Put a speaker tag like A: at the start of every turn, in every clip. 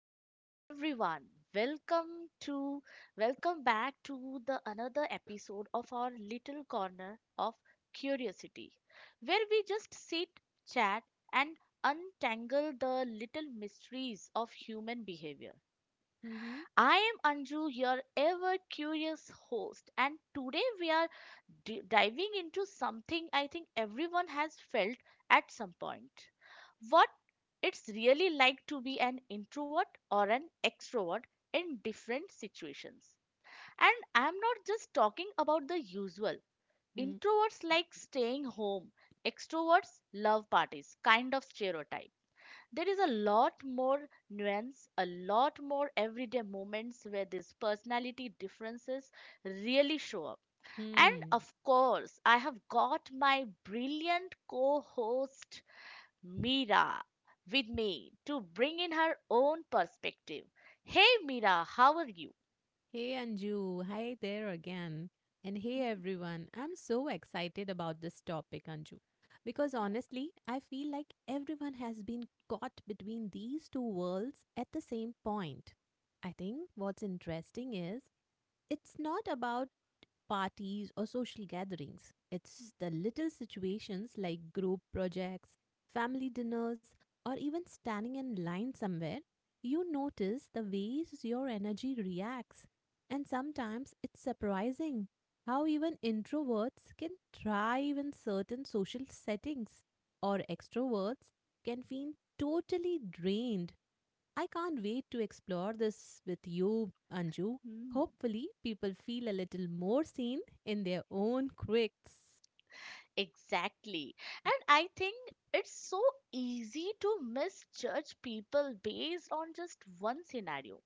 A: Hey everyone, welcome to welcome back to the another episode of our little corner of curiosity where we just sit, chat and untangle the little mysteries of human behavior.
B: Mm-hmm.
A: I am Anju, your ever curious host and today we are diving into something I think everyone has felt at some point. What it's really like to be an introvert or an extrovert in different situations. And I'm not just talking about the usual. Introverts like staying home, extroverts love parties, kind of stereotype. There is a lot more nuance, a lot more everyday moments where these personality differences really show up. And
B: Hmm.
A: of course, I have got my brilliant co host Mira with me to bring in her own perspective. Hey Mira, how are you?
B: Hey Anju, hi there again. And hey everyone, I'm so excited about this topic, Anju. Because
A: Yeah.
B: honestly, I feel like everyone has been caught between these two worlds at the same point. I think what's interesting is it's not about parties or social gatherings. It's the little situations like group projects, family dinners, or even standing in line somewhere. You notice the ways your energy reacts. And sometimes it's surprising how even introverts can thrive in certain social settings, or extroverts can feel totally drained. I can't wait to explore this with you, Anju.
A: Mm.
B: Hopefully, people feel a little more seen in their own quirks.
A: Exactly. And I think it's so easy to misjudge people based on just one scenario.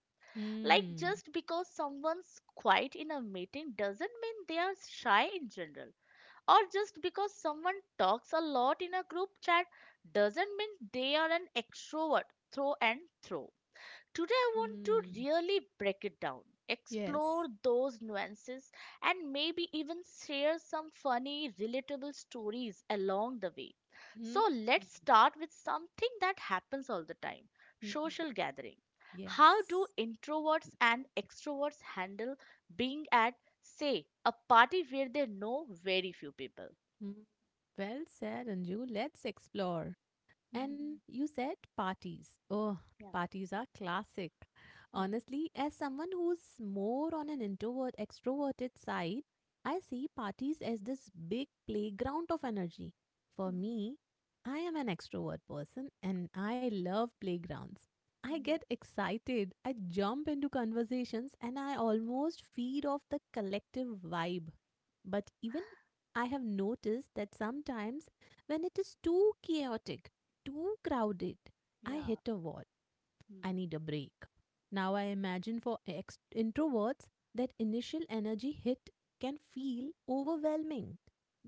A: Like,
B: Hmm.
A: just because someone's quiet in a meeting doesn't mean they are shy in general, or just because someone talks a lot in a group chat doesn't mean they are an extrovert through and through. Today, I want to
B: Hmm.
A: really break it down,
B: Yes.
A: explore those nuances, and maybe even share some funny, relatable stories along the way.
B: Hmm.
A: So, let's start with something that happens all the time,
B: Hmm.
A: social gathering. How do
B: Yes.
A: introverts and extroverts handle being at, say, a party where they know very few people?
B: Hmm. Well said, Anju. Let's explore. And you said parties. Oh,
A: yeah.
B: parties are classic.
A: Hmm.
B: Honestly, as someone who's more on an introvert extroverted side, I see parties as this big playground of energy. For
A: Hmm.
B: me, I am an extrovert person and I love playgrounds. I
A: Hmm.
B: get excited, I jump into conversations and I almost feed off the collective vibe. But even I have noticed that sometimes when it is too chaotic, too crowded, I hit
A: Yeah.
B: a wall. I need a break. Now I imagine for introverts that initial energy hit can feel overwhelming.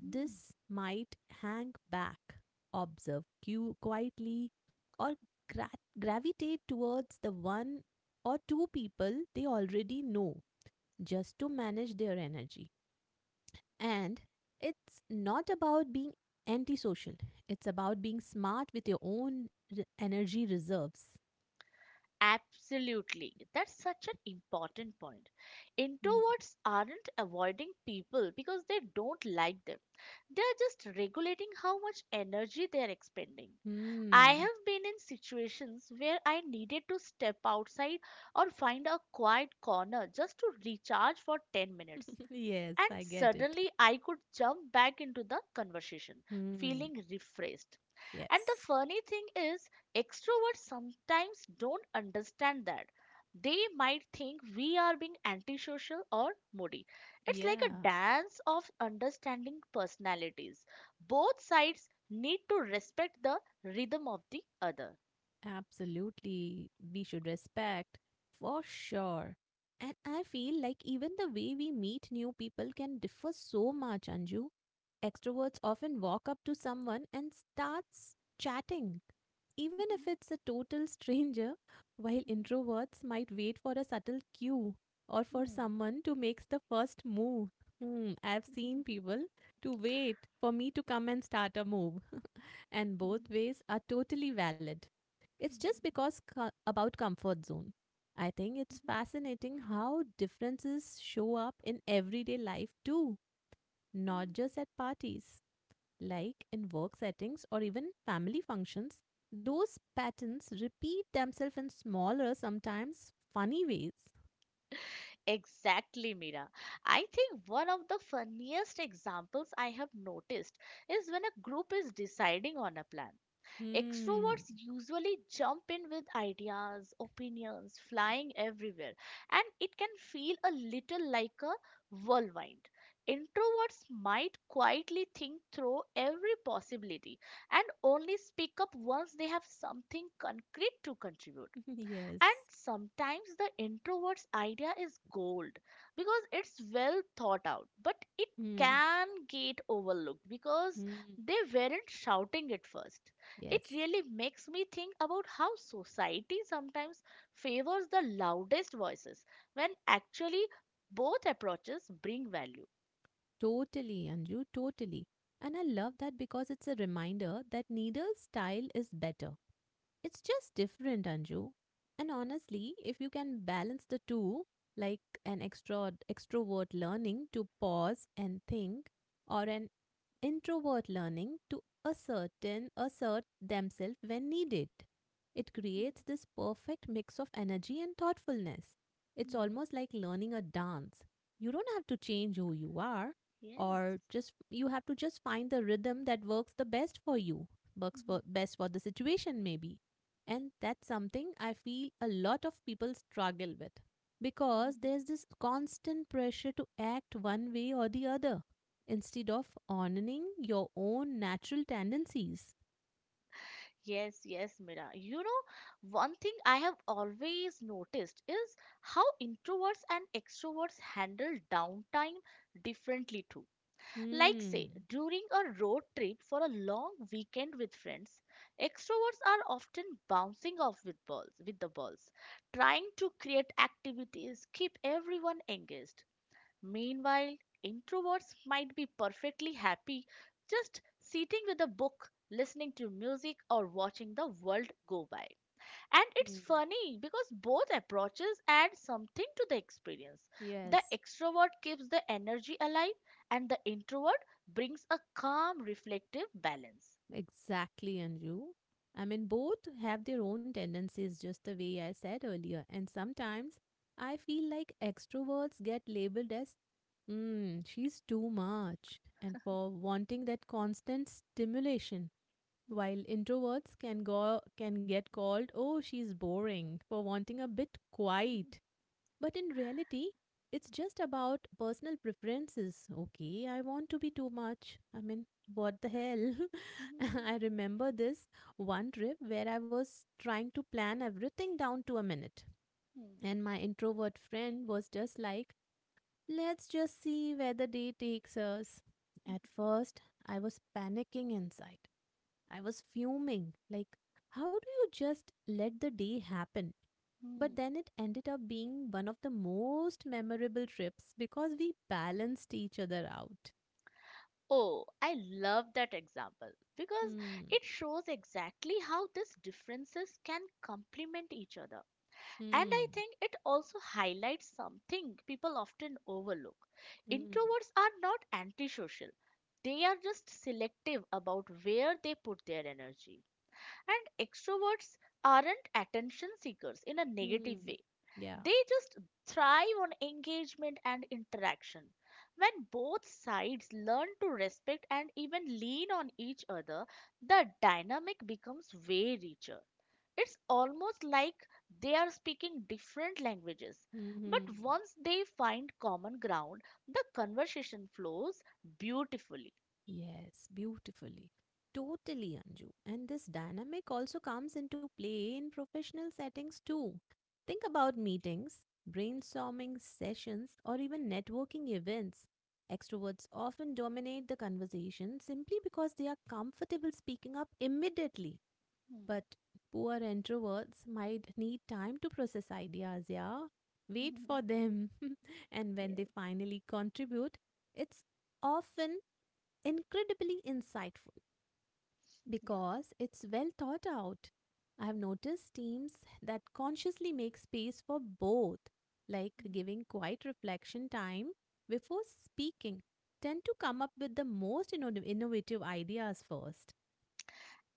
A: Hmm.
B: might hang back, observe cue quietly, or gravitate towards the one or two people they already know just to manage their energy. And it's not about being antisocial, it's about being smart with your own energy reserves.
A: Absolutely. That's such an important point.
B: Hmm.
A: Introverts aren't avoiding people because they don't like them. They are just regulating how much energy they are expending. I
B: Hmm.
A: have been in situations where I needed to step outside or find a quiet corner just to recharge for 10 minutes.
B: Yes,
A: And
B: I get it.
A: suddenly I could jump back into the conversation,
B: Hmm.
A: feeling refreshed. And the
B: Yes.
A: funny thing is, extroverts sometimes don't understand that. They might think we are being antisocial or moody. It's like a
B: Yeah.
A: dance of understanding personalities. Both sides need to respect the rhythm of the other.
B: Absolutely. We should respect, for sure. And I feel like even the way we meet new people can differ so much, Anju. Extroverts often walk up to someone and starts chatting, even if it's a total stranger, while introverts might wait for a subtle cue or for someone to make the first move. Hmm, I've seen people to wait for me to come and start a move, and both ways are totally valid. It's just because about comfort zone. I think it's fascinating how differences show up in everyday life too, not just at parties. Like in work settings or even family functions, those patterns repeat themselves in smaller, sometimes funny ways.
A: Exactly, Mira. I think one of the funniest examples I have noticed is when a group is deciding on a plan.
B: Hmm.
A: Extroverts usually jump in with ideas, opinions flying everywhere, and it can feel a little like a whirlwind. Introverts might quietly think through every possibility and only speak up once they have something concrete to contribute.
B: Yes.
A: And sometimes the introvert's idea is gold because it's well thought out, but it
B: Hmm.
A: can get overlooked because
B: Hmm.
A: they weren't shouting it first.
B: Yes.
A: It really makes me think about how society sometimes favors the loudest voices when actually both approaches bring value.
B: Totally, Anju, totally. And I love that because it's a reminder that neither style is better. It's just different, Anju. And honestly, if you can balance the two, like an extra extrovert learning to pause and think, or an introvert learning to ascertain assert themselves when needed, it creates this perfect mix of energy and thoughtfulness. It's
A: Mhm.
B: almost like learning a dance. You don't have to change who you are,
A: Yes.
B: or just you have to just find the rhythm that works the best for you, works for best for the situation maybe. And that's something I feel a lot of people struggle with because there's this constant pressure to act one way or the other instead of honoring your own natural tendencies.
A: Yes, yes, Mira. You know, one thing I have always noticed is how introverts and extroverts handle downtime differently too. Like,
B: Hmm.
A: say, during a road trip for a long weekend with friends, extroverts are often bouncing off with balls, with the balls, trying to create activities, keep everyone engaged. Meanwhile, introverts might be perfectly happy just sitting with a book, listening to music, or watching the world go by. And
B: Hmm.
A: it's funny because both approaches add something to the experience. The
B: Yes.
A: extrovert keeps the energy alive, and the introvert brings a calm, reflective balance.
B: Exactly, Anju. I mean, both have their own tendencies, just the way I said earlier. And sometimes I feel like extroverts get labeled as, she's too much, and for wanting that constant stimulation, while introverts can get called, oh, she's boring, for wanting a bit quiet. But in reality, it's just about personal preferences. Okay, I want to be too much. I mean, what the hell? I remember this one trip where I was trying to plan everything down to a minute. And my introvert friend was just like, let's just see where the day takes us. At first, I was panicking inside. I was fuming. Like, how do you just let the day happen? But then it ended up being one of the most memorable trips because we balanced each other out.
A: Oh, I love that example because
B: Hmm.
A: it shows exactly how these differences can complement each other. And I
B: Hmm.
A: think it also highlights something people often overlook.
B: Hmm.
A: Introverts are not antisocial, they are just selective about where they put their energy. And extroverts aren't attention seekers in a negative
B: Hmm.
A: way,
B: Yeah.
A: they just thrive on engagement and interaction. When both sides learn to respect and even lean on each other, the dynamic becomes way richer. It's almost like they are speaking different languages.
B: Hmm.
A: But
B: Hmm.
A: once they find common ground, the conversation flows beautifully.
B: Yes, beautifully. Totally, Anju. And this dynamic also comes into play in professional settings too. Think about meetings, brainstorming sessions, or even networking events. Extroverts often dominate the conversation simply because they are comfortable speaking up immediately.
A: Hmm.
B: But poor introverts might need time to process ideas, yeah? Wait for them. And when they
A: yes,
B: finally contribute, it's often incredibly insightful
A: yeah.
B: because it's well thought out. I've noticed teams that consciously make space for both, like giving quiet reflection time before speaking, tend to come up with the most innovative ideas first.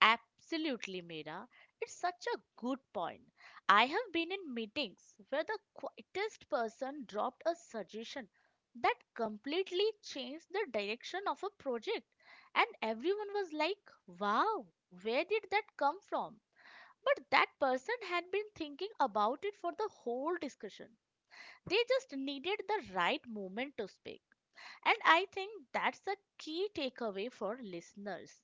A: Absolutely, Meera. It's such a good point. I have been in meetings where the quietest person dropped a suggestion that completely changed the direction of a project, and everyone was like, wow, where did that come from? But that person had been thinking about it for the whole discussion. They just needed the right moment to speak. And I think that's a key takeaway for listeners.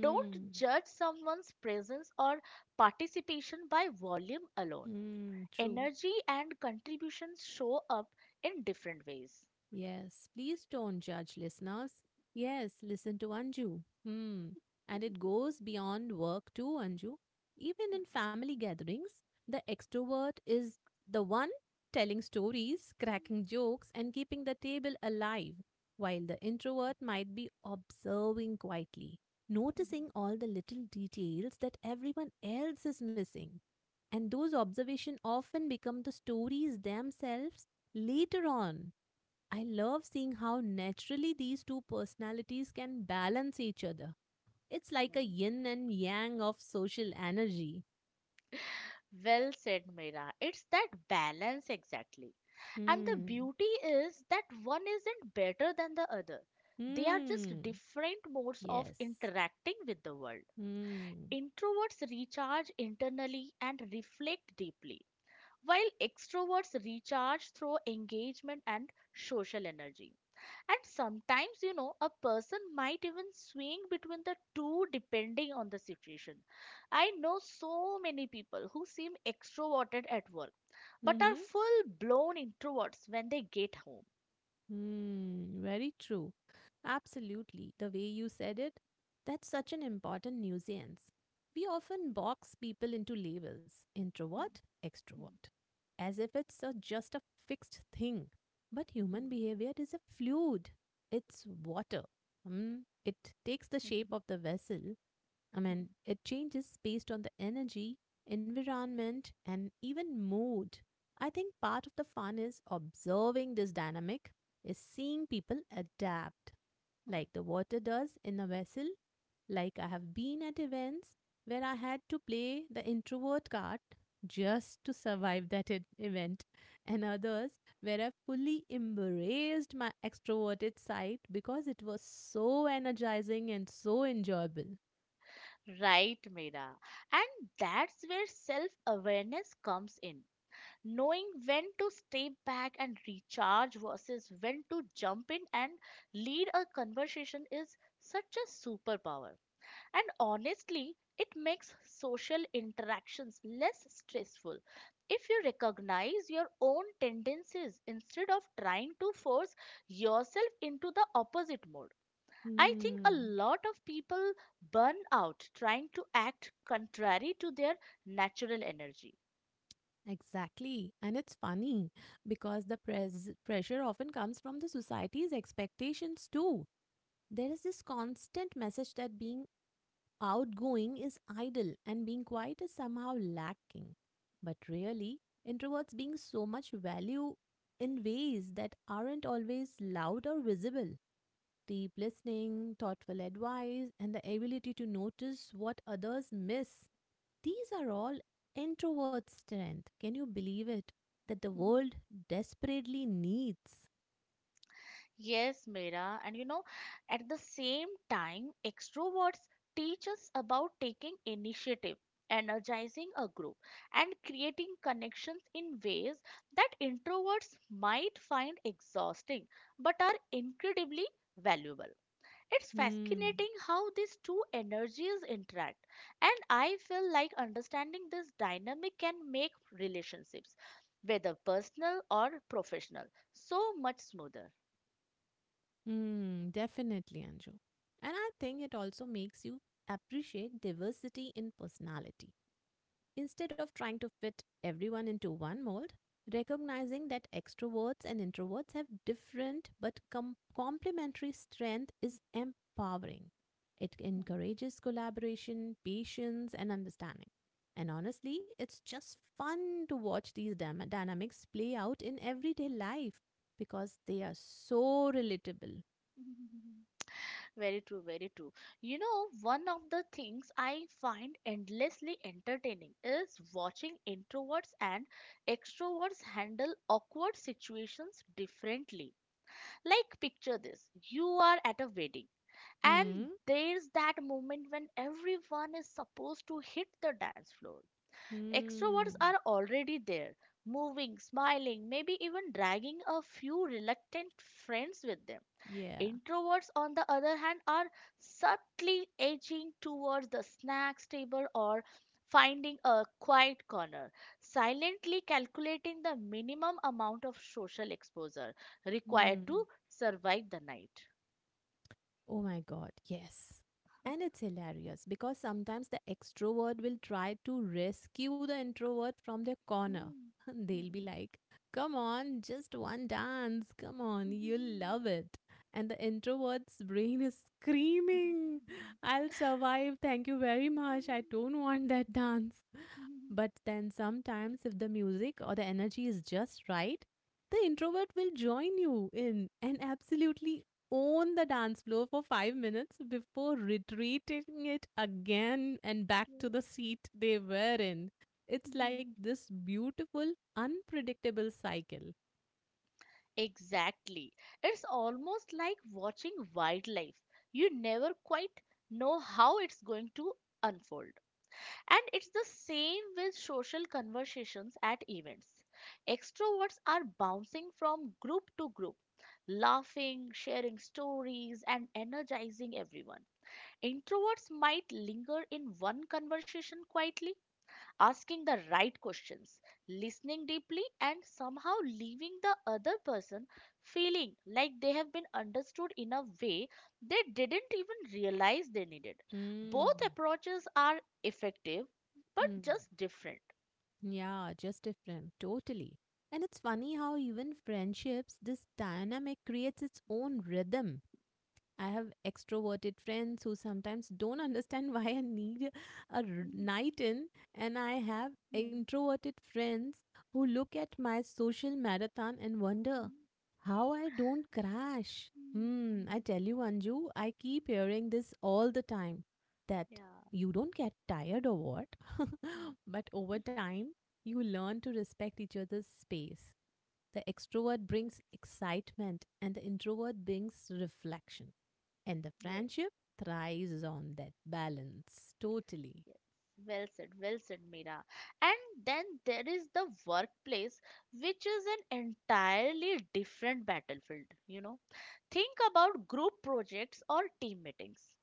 A: Don't judge someone's presence or participation by volume alone.
B: Hmm. True.
A: Energy and contributions show up in different ways.
B: Yes, please don't judge, listeners. Yes, listen to Anju. Hmm. And it goes beyond work too, Anju. Even in family gatherings, the extrovert is the one telling stories, cracking jokes, and keeping the table alive, while the introvert might be observing quietly, noticing all the little details that everyone else is missing. And those observations often become the stories themselves later on. I love seeing how naturally these two personalities can balance each other. It's like a yin and yang of social energy.
A: Well said, Meera. It's that balance exactly. And the
B: Hmm.
A: beauty is that one isn't better than the other. They are just
B: Hmm.
A: different modes of
B: Yes.
A: interacting with the world.
B: Hmm.
A: Introverts recharge internally and reflect deeply, while extroverts recharge through engagement and social energy. And sometimes, you know, a person might even swing between the two depending on the situation. I know so many people who seem extroverted at work but
B: Mm-hmm.
A: are full blown introverts when they get home.
B: Hmm, very true. Absolutely. The way you said it, that's such an important nuisance. We often box people into labels, introvert, extrovert, as if it's a, just a fixed thing. But human behavior is a fluid, it's water. Hmm. It takes the shape of the vessel, I mean, it changes based on the energy, environment, and even mood. I think part of the fun is observing this dynamic, is seeing people adapt, like the water does in a vessel. Like, I have been at events where I had to play the introvert card just to survive that event, and others where I fully embraced my extroverted side because it was so energizing and so enjoyable.
A: Right, Mira. And that's where self awareness comes in. Knowing when to step back and recharge versus when to jump in and lead a conversation is such a superpower. And honestly, it makes social interactions less stressful if you recognize your own tendencies instead of trying to force yourself into the opposite mode. I think a
B: Hmm,
A: lot of people burn out trying to act contrary to their natural energy.
B: exactly. And it's funny because the pressure often comes from the society's expectations too. There is this constant message that being outgoing is idle and being quiet is somehow lacking. But really, introverts being so much value in ways that aren't always loud or visible. Deep listening, thoughtful advice, and the ability to notice what others miss. These are all introvert strength. Can you believe it? That the world desperately needs.
A: Yes, Mira. And you know, at the same time, extroverts teach us about taking initiative, energizing a group, and creating connections in ways that introverts might find exhausting but are incredibly valuable. It's
B: Hmm.
A: fascinating how these two energies interact, and I feel like understanding this dynamic can make relationships, whether personal or professional, so much smoother.
B: Hmm. Definitely, Anju. And I think it also makes you appreciate diversity in personality. Instead of trying to fit everyone into one mold, recognizing that extroverts and introverts have different but complementary strengths is empowering. It
A: Hmm.
B: encourages collaboration, patience, and understanding. And honestly, it's just fun to watch these dynamics play out in everyday life because they are so relatable.
A: Very true, very true. You know, one of the things I find endlessly entertaining is watching introverts and extroverts handle awkward situations differently. Like, picture this, you are at a wedding, and
B: Hmm.
A: there's that moment when everyone is supposed to hit the dance floor.
B: Hmm.
A: Extroverts are already there, moving, smiling, maybe even dragging a few reluctant friends with them.
B: Yeah.
A: Introverts, on the other hand, are subtly edging towards the snacks table or finding a quiet corner, silently calculating the minimum amount of social exposure required
B: Hmm.
A: to survive the night.
B: Oh my God, yes. And it's hilarious because sometimes the extrovert will try to rescue the introvert from their corner.
A: Hmm.
B: They'll be like, come on, just one dance. Come on, you'll love it. And the introvert's brain is screaming, I'll survive. Thank you very much. I don't want that dance. But then sometimes, if the music or the energy is just right, the introvert will join you in and absolutely own the dance floor for 5 minutes before retreating it again and back to the seat they were in. It's like this beautiful, unpredictable cycle.
A: Exactly. It's almost like watching wildlife. You never quite know how it's going to unfold. And it's the same with social conversations at events. Extroverts are bouncing from group to group, laughing, sharing stories, and energizing everyone. Introverts might linger in one conversation quietly, asking the right questions, listening deeply, and somehow leaving the other person feeling like they have been understood in a way they didn't even realize they needed.
B: Mm.
A: Both approaches are effective, but
B: Mm.
A: just different.
B: Yeah, just different. Totally. And it's funny how even friendships, this dynamic creates its own rhythm. I have extroverted friends who sometimes don't understand why I need a
A: Mm,
B: night in, and I have
A: mm,
B: introverted friends who look at my social marathon and wonder
A: mm,
B: how I don't crash. Hmm, I
A: mm.
B: tell you, Anju, I keep hearing this all the time that
A: Yeah.
B: you don't get tired or what?
A: Mm.
B: But over time, you learn to respect each other's space. The extrovert brings excitement and the introvert brings reflection. And the
A: Yes.
B: friendship thrives on that balance totally.
A: Yes, well said, Mira. And then there is the workplace, which is an entirely different battlefield, you know. Think about group projects or team meetings.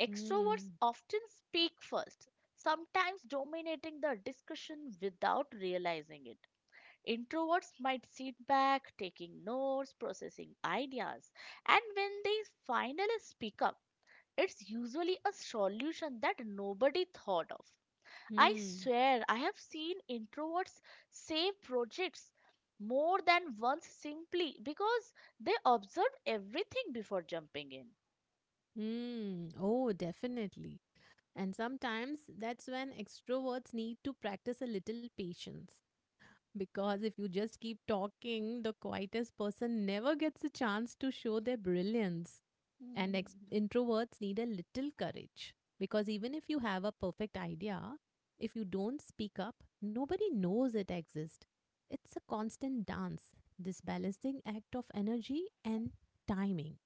A: Extroverts
B: Hmm.
A: often speak first, sometimes dominating the discussion without realizing it. Introverts might sit back, taking notes, processing ideas, and when they finally speak up, it's usually a solution that nobody thought of. I
B: Hmm.
A: swear, I have seen introverts save projects more than once simply because they observed everything before jumping in.
B: Hmm. Oh, definitely. And sometimes that's when extroverts need to practice a little patience. Because if you just keep talking, the quietest person never gets a chance to show their brilliance. And
A: Hmm.
B: introverts need a little courage. Because even if you have a perfect idea, if you don't speak up, nobody knows it exists. It's a constant dance, this balancing act of energy and timing.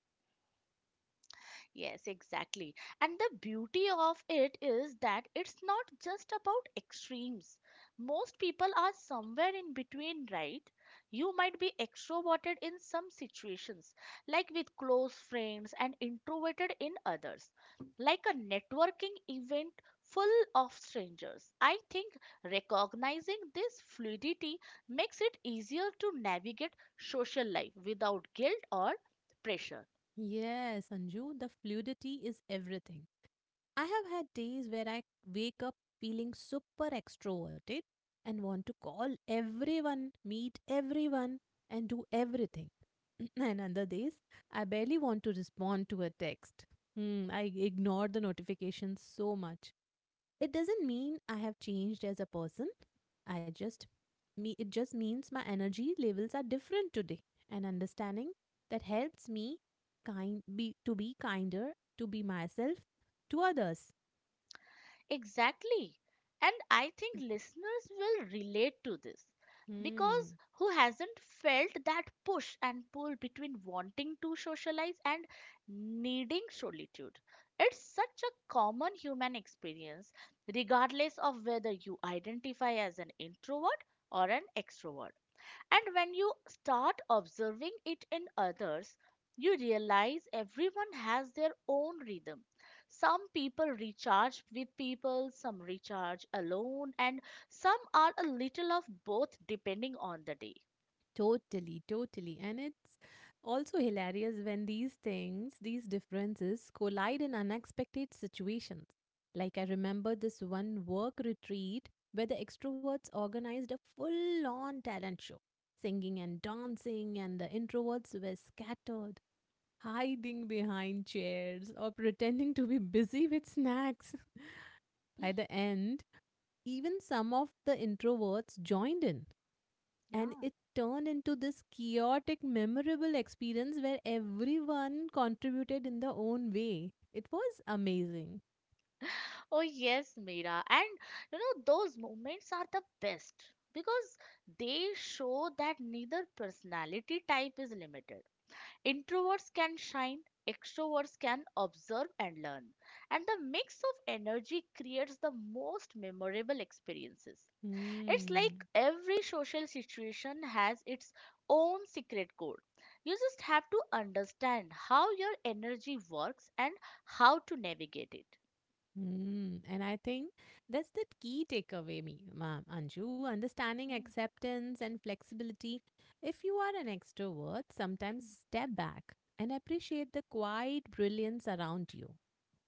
A: Yes, exactly. And the beauty of it is that it's not just about extremes. Most people are somewhere in between, right? You might be extroverted in some situations, like with close friends, and introverted in others, like a networking event full of strangers. I think recognizing this fluidity makes it easier to navigate social life without guilt or pressure.
B: Yes, Anju, the fluidity is everything. I have had days where I wake up feeling super extroverted and want to call everyone, meet everyone, and do everything. And other days, I barely want to respond to a text. Hmm, I ignore the notifications so much. It doesn't mean I have changed as a person. I just me It just means my energy levels are different today, and understanding that helps me kind be to be kinder, to be myself, to others.
A: Exactly. And I think listeners will relate to this
B: Hmm.
A: because who hasn't felt that push and pull between wanting to socialize and needing solitude? It's such a common human experience, regardless of whether you identify as an introvert or an extrovert. And when you start observing it in others, you realize everyone has their own rhythm. Some people recharge with people, some recharge alone, and some are a little of both depending on the day.
B: Totally, totally. And it's also hilarious when these things, these differences, collide in unexpected situations. Like, I remember this one work retreat where the extroverts organized a full on talent show, singing and dancing, and the introverts were scattered, hiding behind chairs or pretending to be busy with snacks. By the end, even some of the introverts joined in, and
A: Yeah.
B: it turned into this chaotic, memorable experience where everyone contributed in their own way. It was amazing.
A: Oh, yes, Mira. And you know, those moments are the best because they show that neither personality type is limited. Introverts can shine, extroverts can observe and learn. And the mix of energy creates the most memorable experiences. It's
B: Hmm.
A: like every social situation has its own secret code. You just have to understand how your energy works and how to navigate it.
B: Hmm. And I think that's the key takeaway, me, ma'am, Anju. Understanding,
A: Hmm,
B: acceptance, and flexibility. If you are an extrovert, sometimes step back and appreciate the quiet brilliance around you.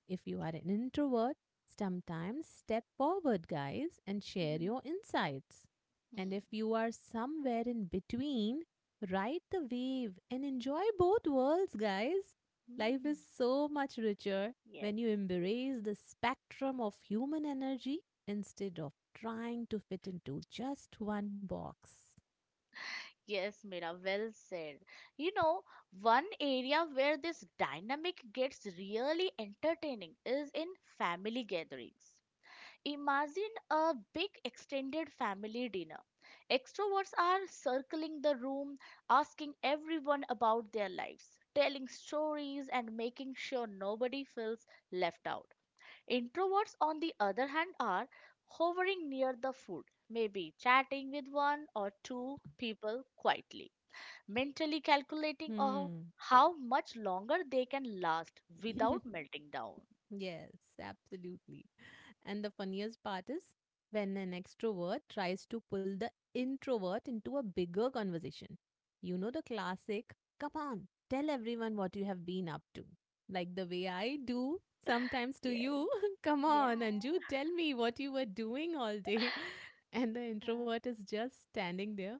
B: If you are an introvert, sometimes step forward, guys, and
A: hmm,
B: share
A: hmm,
B: your insights. And if
A: hmm,
B: you are somewhere in between, ride the wave and enjoy both worlds, guys.
A: hmm.
B: Life
A: Hmm.
B: is so much richer
A: Yes.
B: when you embrace the spectrum of human energy instead of trying to fit into just one box.
A: Yes, Mira, well said. You know, one area where this dynamic gets really entertaining is in family gatherings. Imagine a big extended family dinner. Extroverts are circling the room, asking everyone about their lives, telling stories, and making sure nobody feels left out. Introverts, on the other hand, are hovering near the food, maybe chatting with one or two people quietly, mentally calculating
B: Hmm.
A: how much longer they can last without melting down.
B: Yes, absolutely. And the funniest part is when an extrovert tries to pull the introvert into a bigger conversation. You know the classic, come on, tell everyone what you have been up to. Like the way I do sometimes to
A: Yes,
B: you. Come
A: yeah,
B: on, Anju, tell me what you were doing all day. And the
A: yeah,
B: introvert is just standing there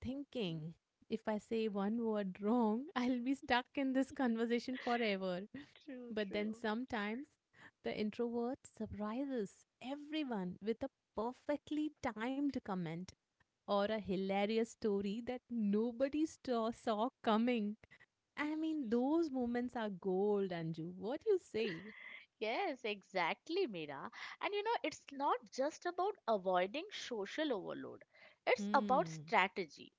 B: thinking, if I say one word wrong, I'll be stuck in this conversation forever.
A: true,
B: But then
A: true.
B: sometimes the introvert surprises everyone with a perfectly timed comment or a hilarious story that saw coming. I mean, those moments are gold, Anju. What do you say?
A: Yes, exactly, Mira. And you know, it's not just about avoiding social overload, it's about
B: Hmm,
A: strategy.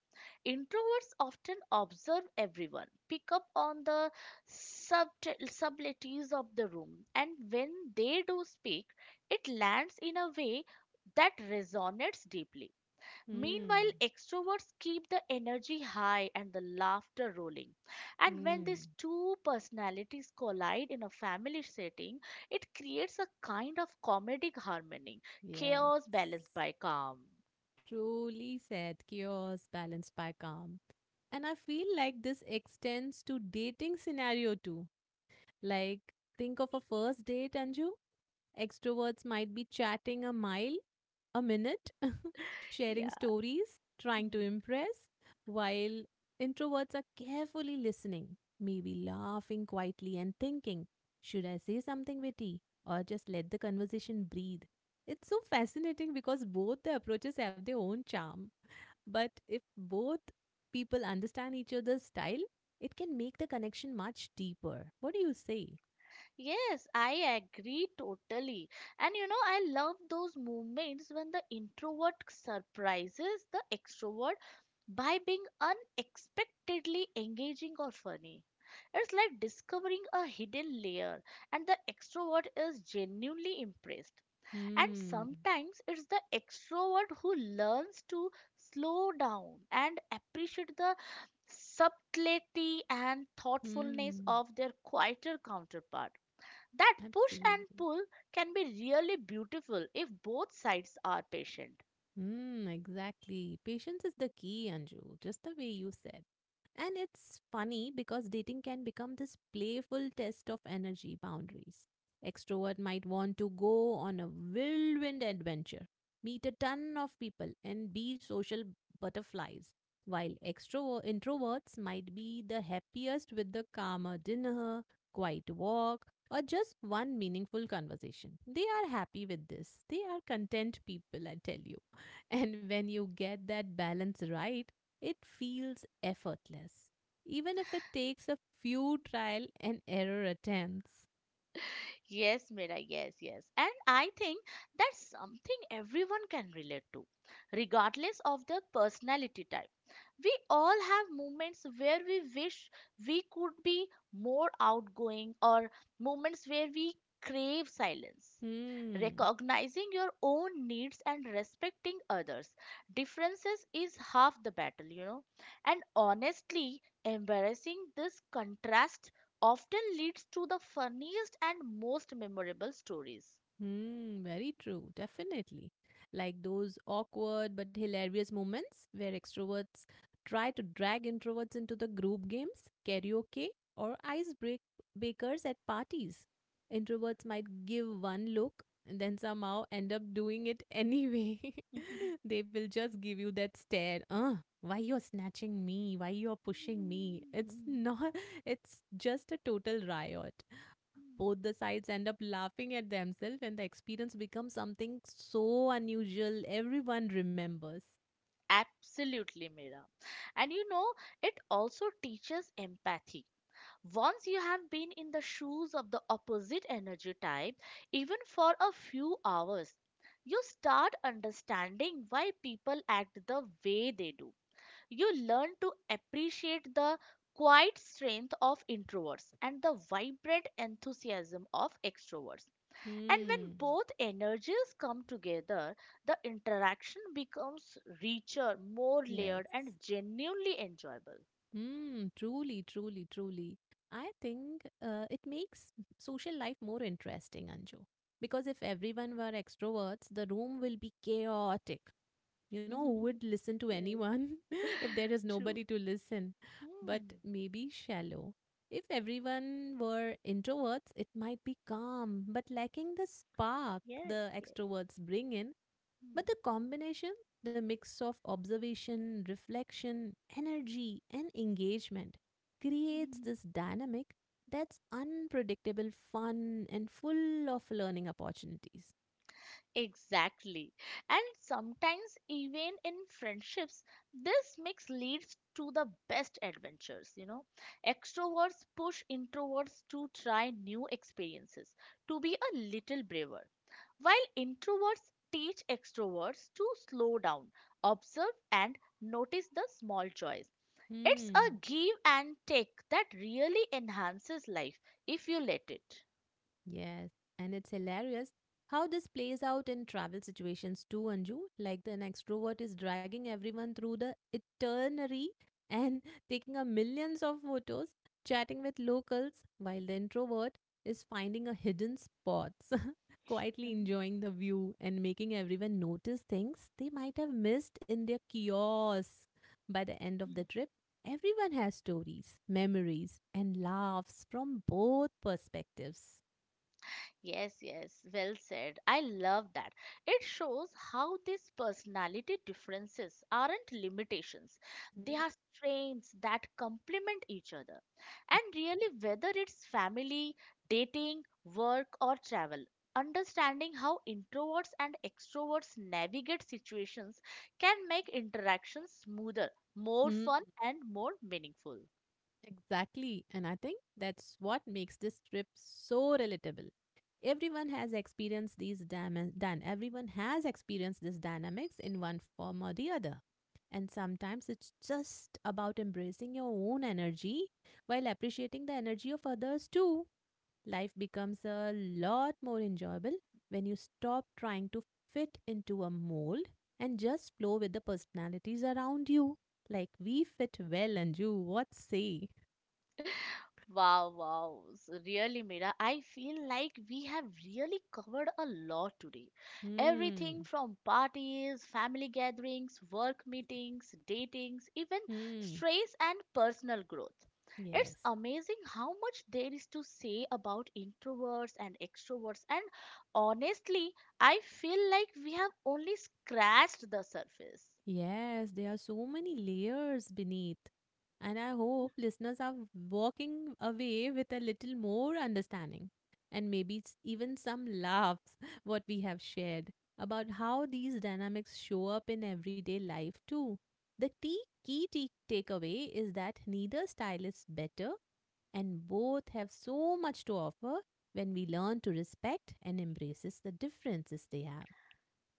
A: Introverts often observe everyone, pick up on the subtleties of the room, and when they do speak, it lands in a way that resonates deeply. Meanwhile,
B: hmm,
A: extroverts keep the energy high and the laughter rolling. And when these
B: hmm.
A: two personalities collide in a family setting, it creates a kind of comedic harmony,
B: Yes.
A: chaos balanced by calm.
B: Truly said, chaos balanced by calm. And I feel like this extends to dating scenario too. Like, think of a first date, Anju. Extroverts might be chatting a mile a minute, sharing
A: Yeah.
B: stories, trying to
A: Hmm.
B: impress, while introverts are carefully listening, maybe laughing quietly and thinking, should I say something witty or just let the conversation breathe? It's so fascinating because both the approaches have their own charm. But if both people understand each other's style, it can make the connection much deeper. What do you say?
A: Yes, I agree totally. And you know, I love those moments when the introvert surprises the extrovert by being unexpectedly engaging or funny. It's like discovering a hidden layer, and the extrovert is genuinely impressed. And
B: Hmm.
A: sometimes it's the extrovert who learns to slow down and appreciate the subtlety and thoughtfulness
B: Hmm.
A: of their quieter counterpart. That push and
B: Absolutely.
A: pull can be really beautiful if both sides are patient.
B: Mm, exactly. Patience is the key, Anju, just the way you said. And it's funny because dating can become this playful test of energy boundaries. Extrovert might want to go on a whirlwind adventure, meet a ton of people, and be social butterflies, while extrovert introverts might be the happiest with the calmer dinner, quiet walk, or just one meaningful conversation. They are happy with this. They are content people, I tell you. And when you get that balance right, it feels effortless, even if it takes a few trial and error attempts.
A: Yes, Mira, yes, yes. And I think that's something everyone can relate to, regardless of the personality type. We all have moments where we wish we could be more outgoing, or moments where we crave silence.
B: Hmm.
A: Recognizing your own needs and respecting others' differences is half the battle, you know. And honestly, embarrassing this contrast often leads to the funniest and most memorable stories.
B: Hmm, very true, definitely. Like those awkward but hilarious moments where extroverts try to drag introverts into the group games, karaoke, or icebreakers at parties. Introverts might give one look and then somehow end up doing it anyway. They will just give you that stare. Why you're snatching me? Why you're pushing me? It's not, it's just a total riot. Both the sides end up laughing at themselves, and the experience becomes something so unusual everyone remembers.
A: Absolutely, Mira. And you know, it also teaches empathy. Once you have been in the shoes of the opposite energy type, even for a few hours, you start understanding why people act the way they do. You learn to appreciate the quiet strength of introverts and the vibrant enthusiasm of extroverts. And when
B: Hmm.
A: both energies come together, the interaction becomes richer, more
B: Yes.
A: layered, and genuinely enjoyable.
B: Hmm. Truly, truly, truly. I think it makes social life more interesting, Anju. Because if everyone were extroverts, the room will be chaotic. You know, who would listen to
A: Yes,
B: anyone if there is
A: true.
B: nobody to listen? But
A: Hmm.
B: maybe shallow. If everyone were introverts, it might be calm, but lacking the spark
A: Yes,
B: the
A: yes.
B: extroverts bring in.
A: Hmm.
B: But the combination, the mix of observation, reflection, energy, and engagement creates this dynamic that's unpredictable, fun, and full of learning opportunities.
A: Exactly. And sometimes, even in friendships, this mix leads to the best adventures, you know. Extroverts push introverts to try new experiences, to be a little braver, while introverts teach extroverts to slow down, observe, and notice the small joys. It's a
B: Hmm.
A: give and take that really enhances life if you let it.
B: Yes, and it's hilarious how this plays out in travel situations too, Anju. Like an extrovert is dragging everyone through the itinerary and taking a millions of photos, chatting with locals, while the introvert is finding a hidden spots, quietly enjoying the view and making everyone notice things they might have missed in their chaos. By the end of the trip, everyone has stories, memories, and laughs from both perspectives.
A: Yes, yes, well said. I love that. It shows how these personality differences aren't limitations. They
B: Hmm.
A: are strengths that complement each other. And really, whether it's family, dating, work, or travel, understanding how introverts and extroverts navigate situations can make interactions smoother, more
B: Mm,
A: fun, and more meaningful.
B: exactly. And I think that's what makes this trip so relatable. Everyone has experienced everyone has experienced this dynamics in one form or the other. And sometimes it's just about embracing your own energy while appreciating the energy of others too. Life becomes a lot more enjoyable when you stop trying to fit into a mold and just flow with the personalities around you. Like we fit well, Anju. What say?
A: Wow, wow. Really, Mira, I feel like we have really covered a lot today. Everything
B: Hmm.
A: from parties, family gatherings, work meetings, datings, even
B: Hmm.
A: stress and personal growth. It's
B: Yes.
A: amazing how much there is to say about introverts and extroverts, and honestly, I feel like we have only scratched the surface.
B: Yes, there are so many layers beneath. And I hope listeners are walking away with a little more understanding and maybe even some laughs, what we have shared about how these dynamics show up in everyday life too. The tea, key tea takeaway is that neither style is better and both have so much to offer when we learn to respect and embraces the differences they have.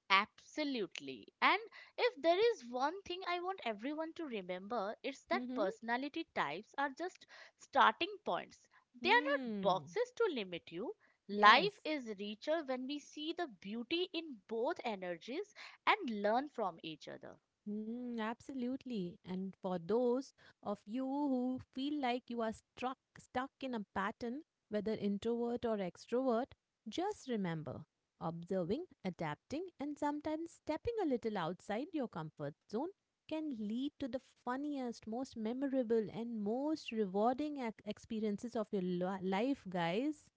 A: Absolutely. And if there is one thing I want everyone to remember, it's that
B: Mm-hmm.
A: personality types are just starting points. They are not
B: Hmm.
A: boxes to limit you.
B: Yes.
A: Life is richer when we see the beauty in both energies and learn from each other.
B: Mm, absolutely. And for those of you who feel like you are stuck in a pattern, whether introvert or extrovert, just remember observing, adapting, and sometimes stepping a little outside your comfort zone can lead to the funniest, most memorable, and most rewarding experiences of your life, guys.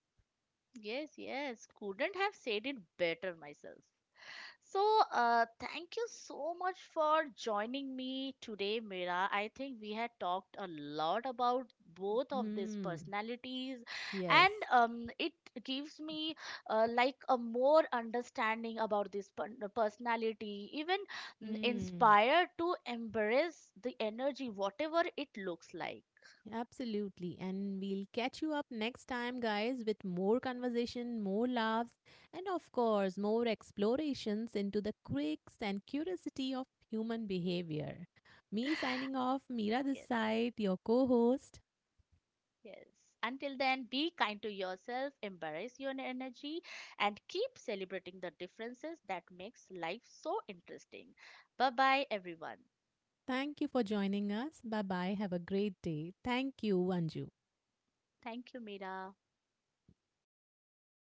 A: Yes, yes, couldn't have said it better myself. So, thank you so much for joining me today, Mira. I think we had talked a lot about both of these
B: Hmm.
A: personalities,
B: Yes.
A: and it gives me like a more understanding about this personality, even
B: Hmm.
A: inspired to embrace the energy, whatever it looks like.
B: Absolutely. And we'll catch you up next time, guys, with more conversation, more laughs, and of course, more explorations into the quirks and curiosity of human behavior. Me signing off, Mira this
A: Yes.
B: side, your co host.
A: Yes. Until then, be kind to yourself, embrace your energy, and keep celebrating the differences that makes life so interesting. Bye bye, everyone.
B: Thank you for joining us. Bye bye. Have a great day. Thank you, Anju.
A: Thank you, Mira.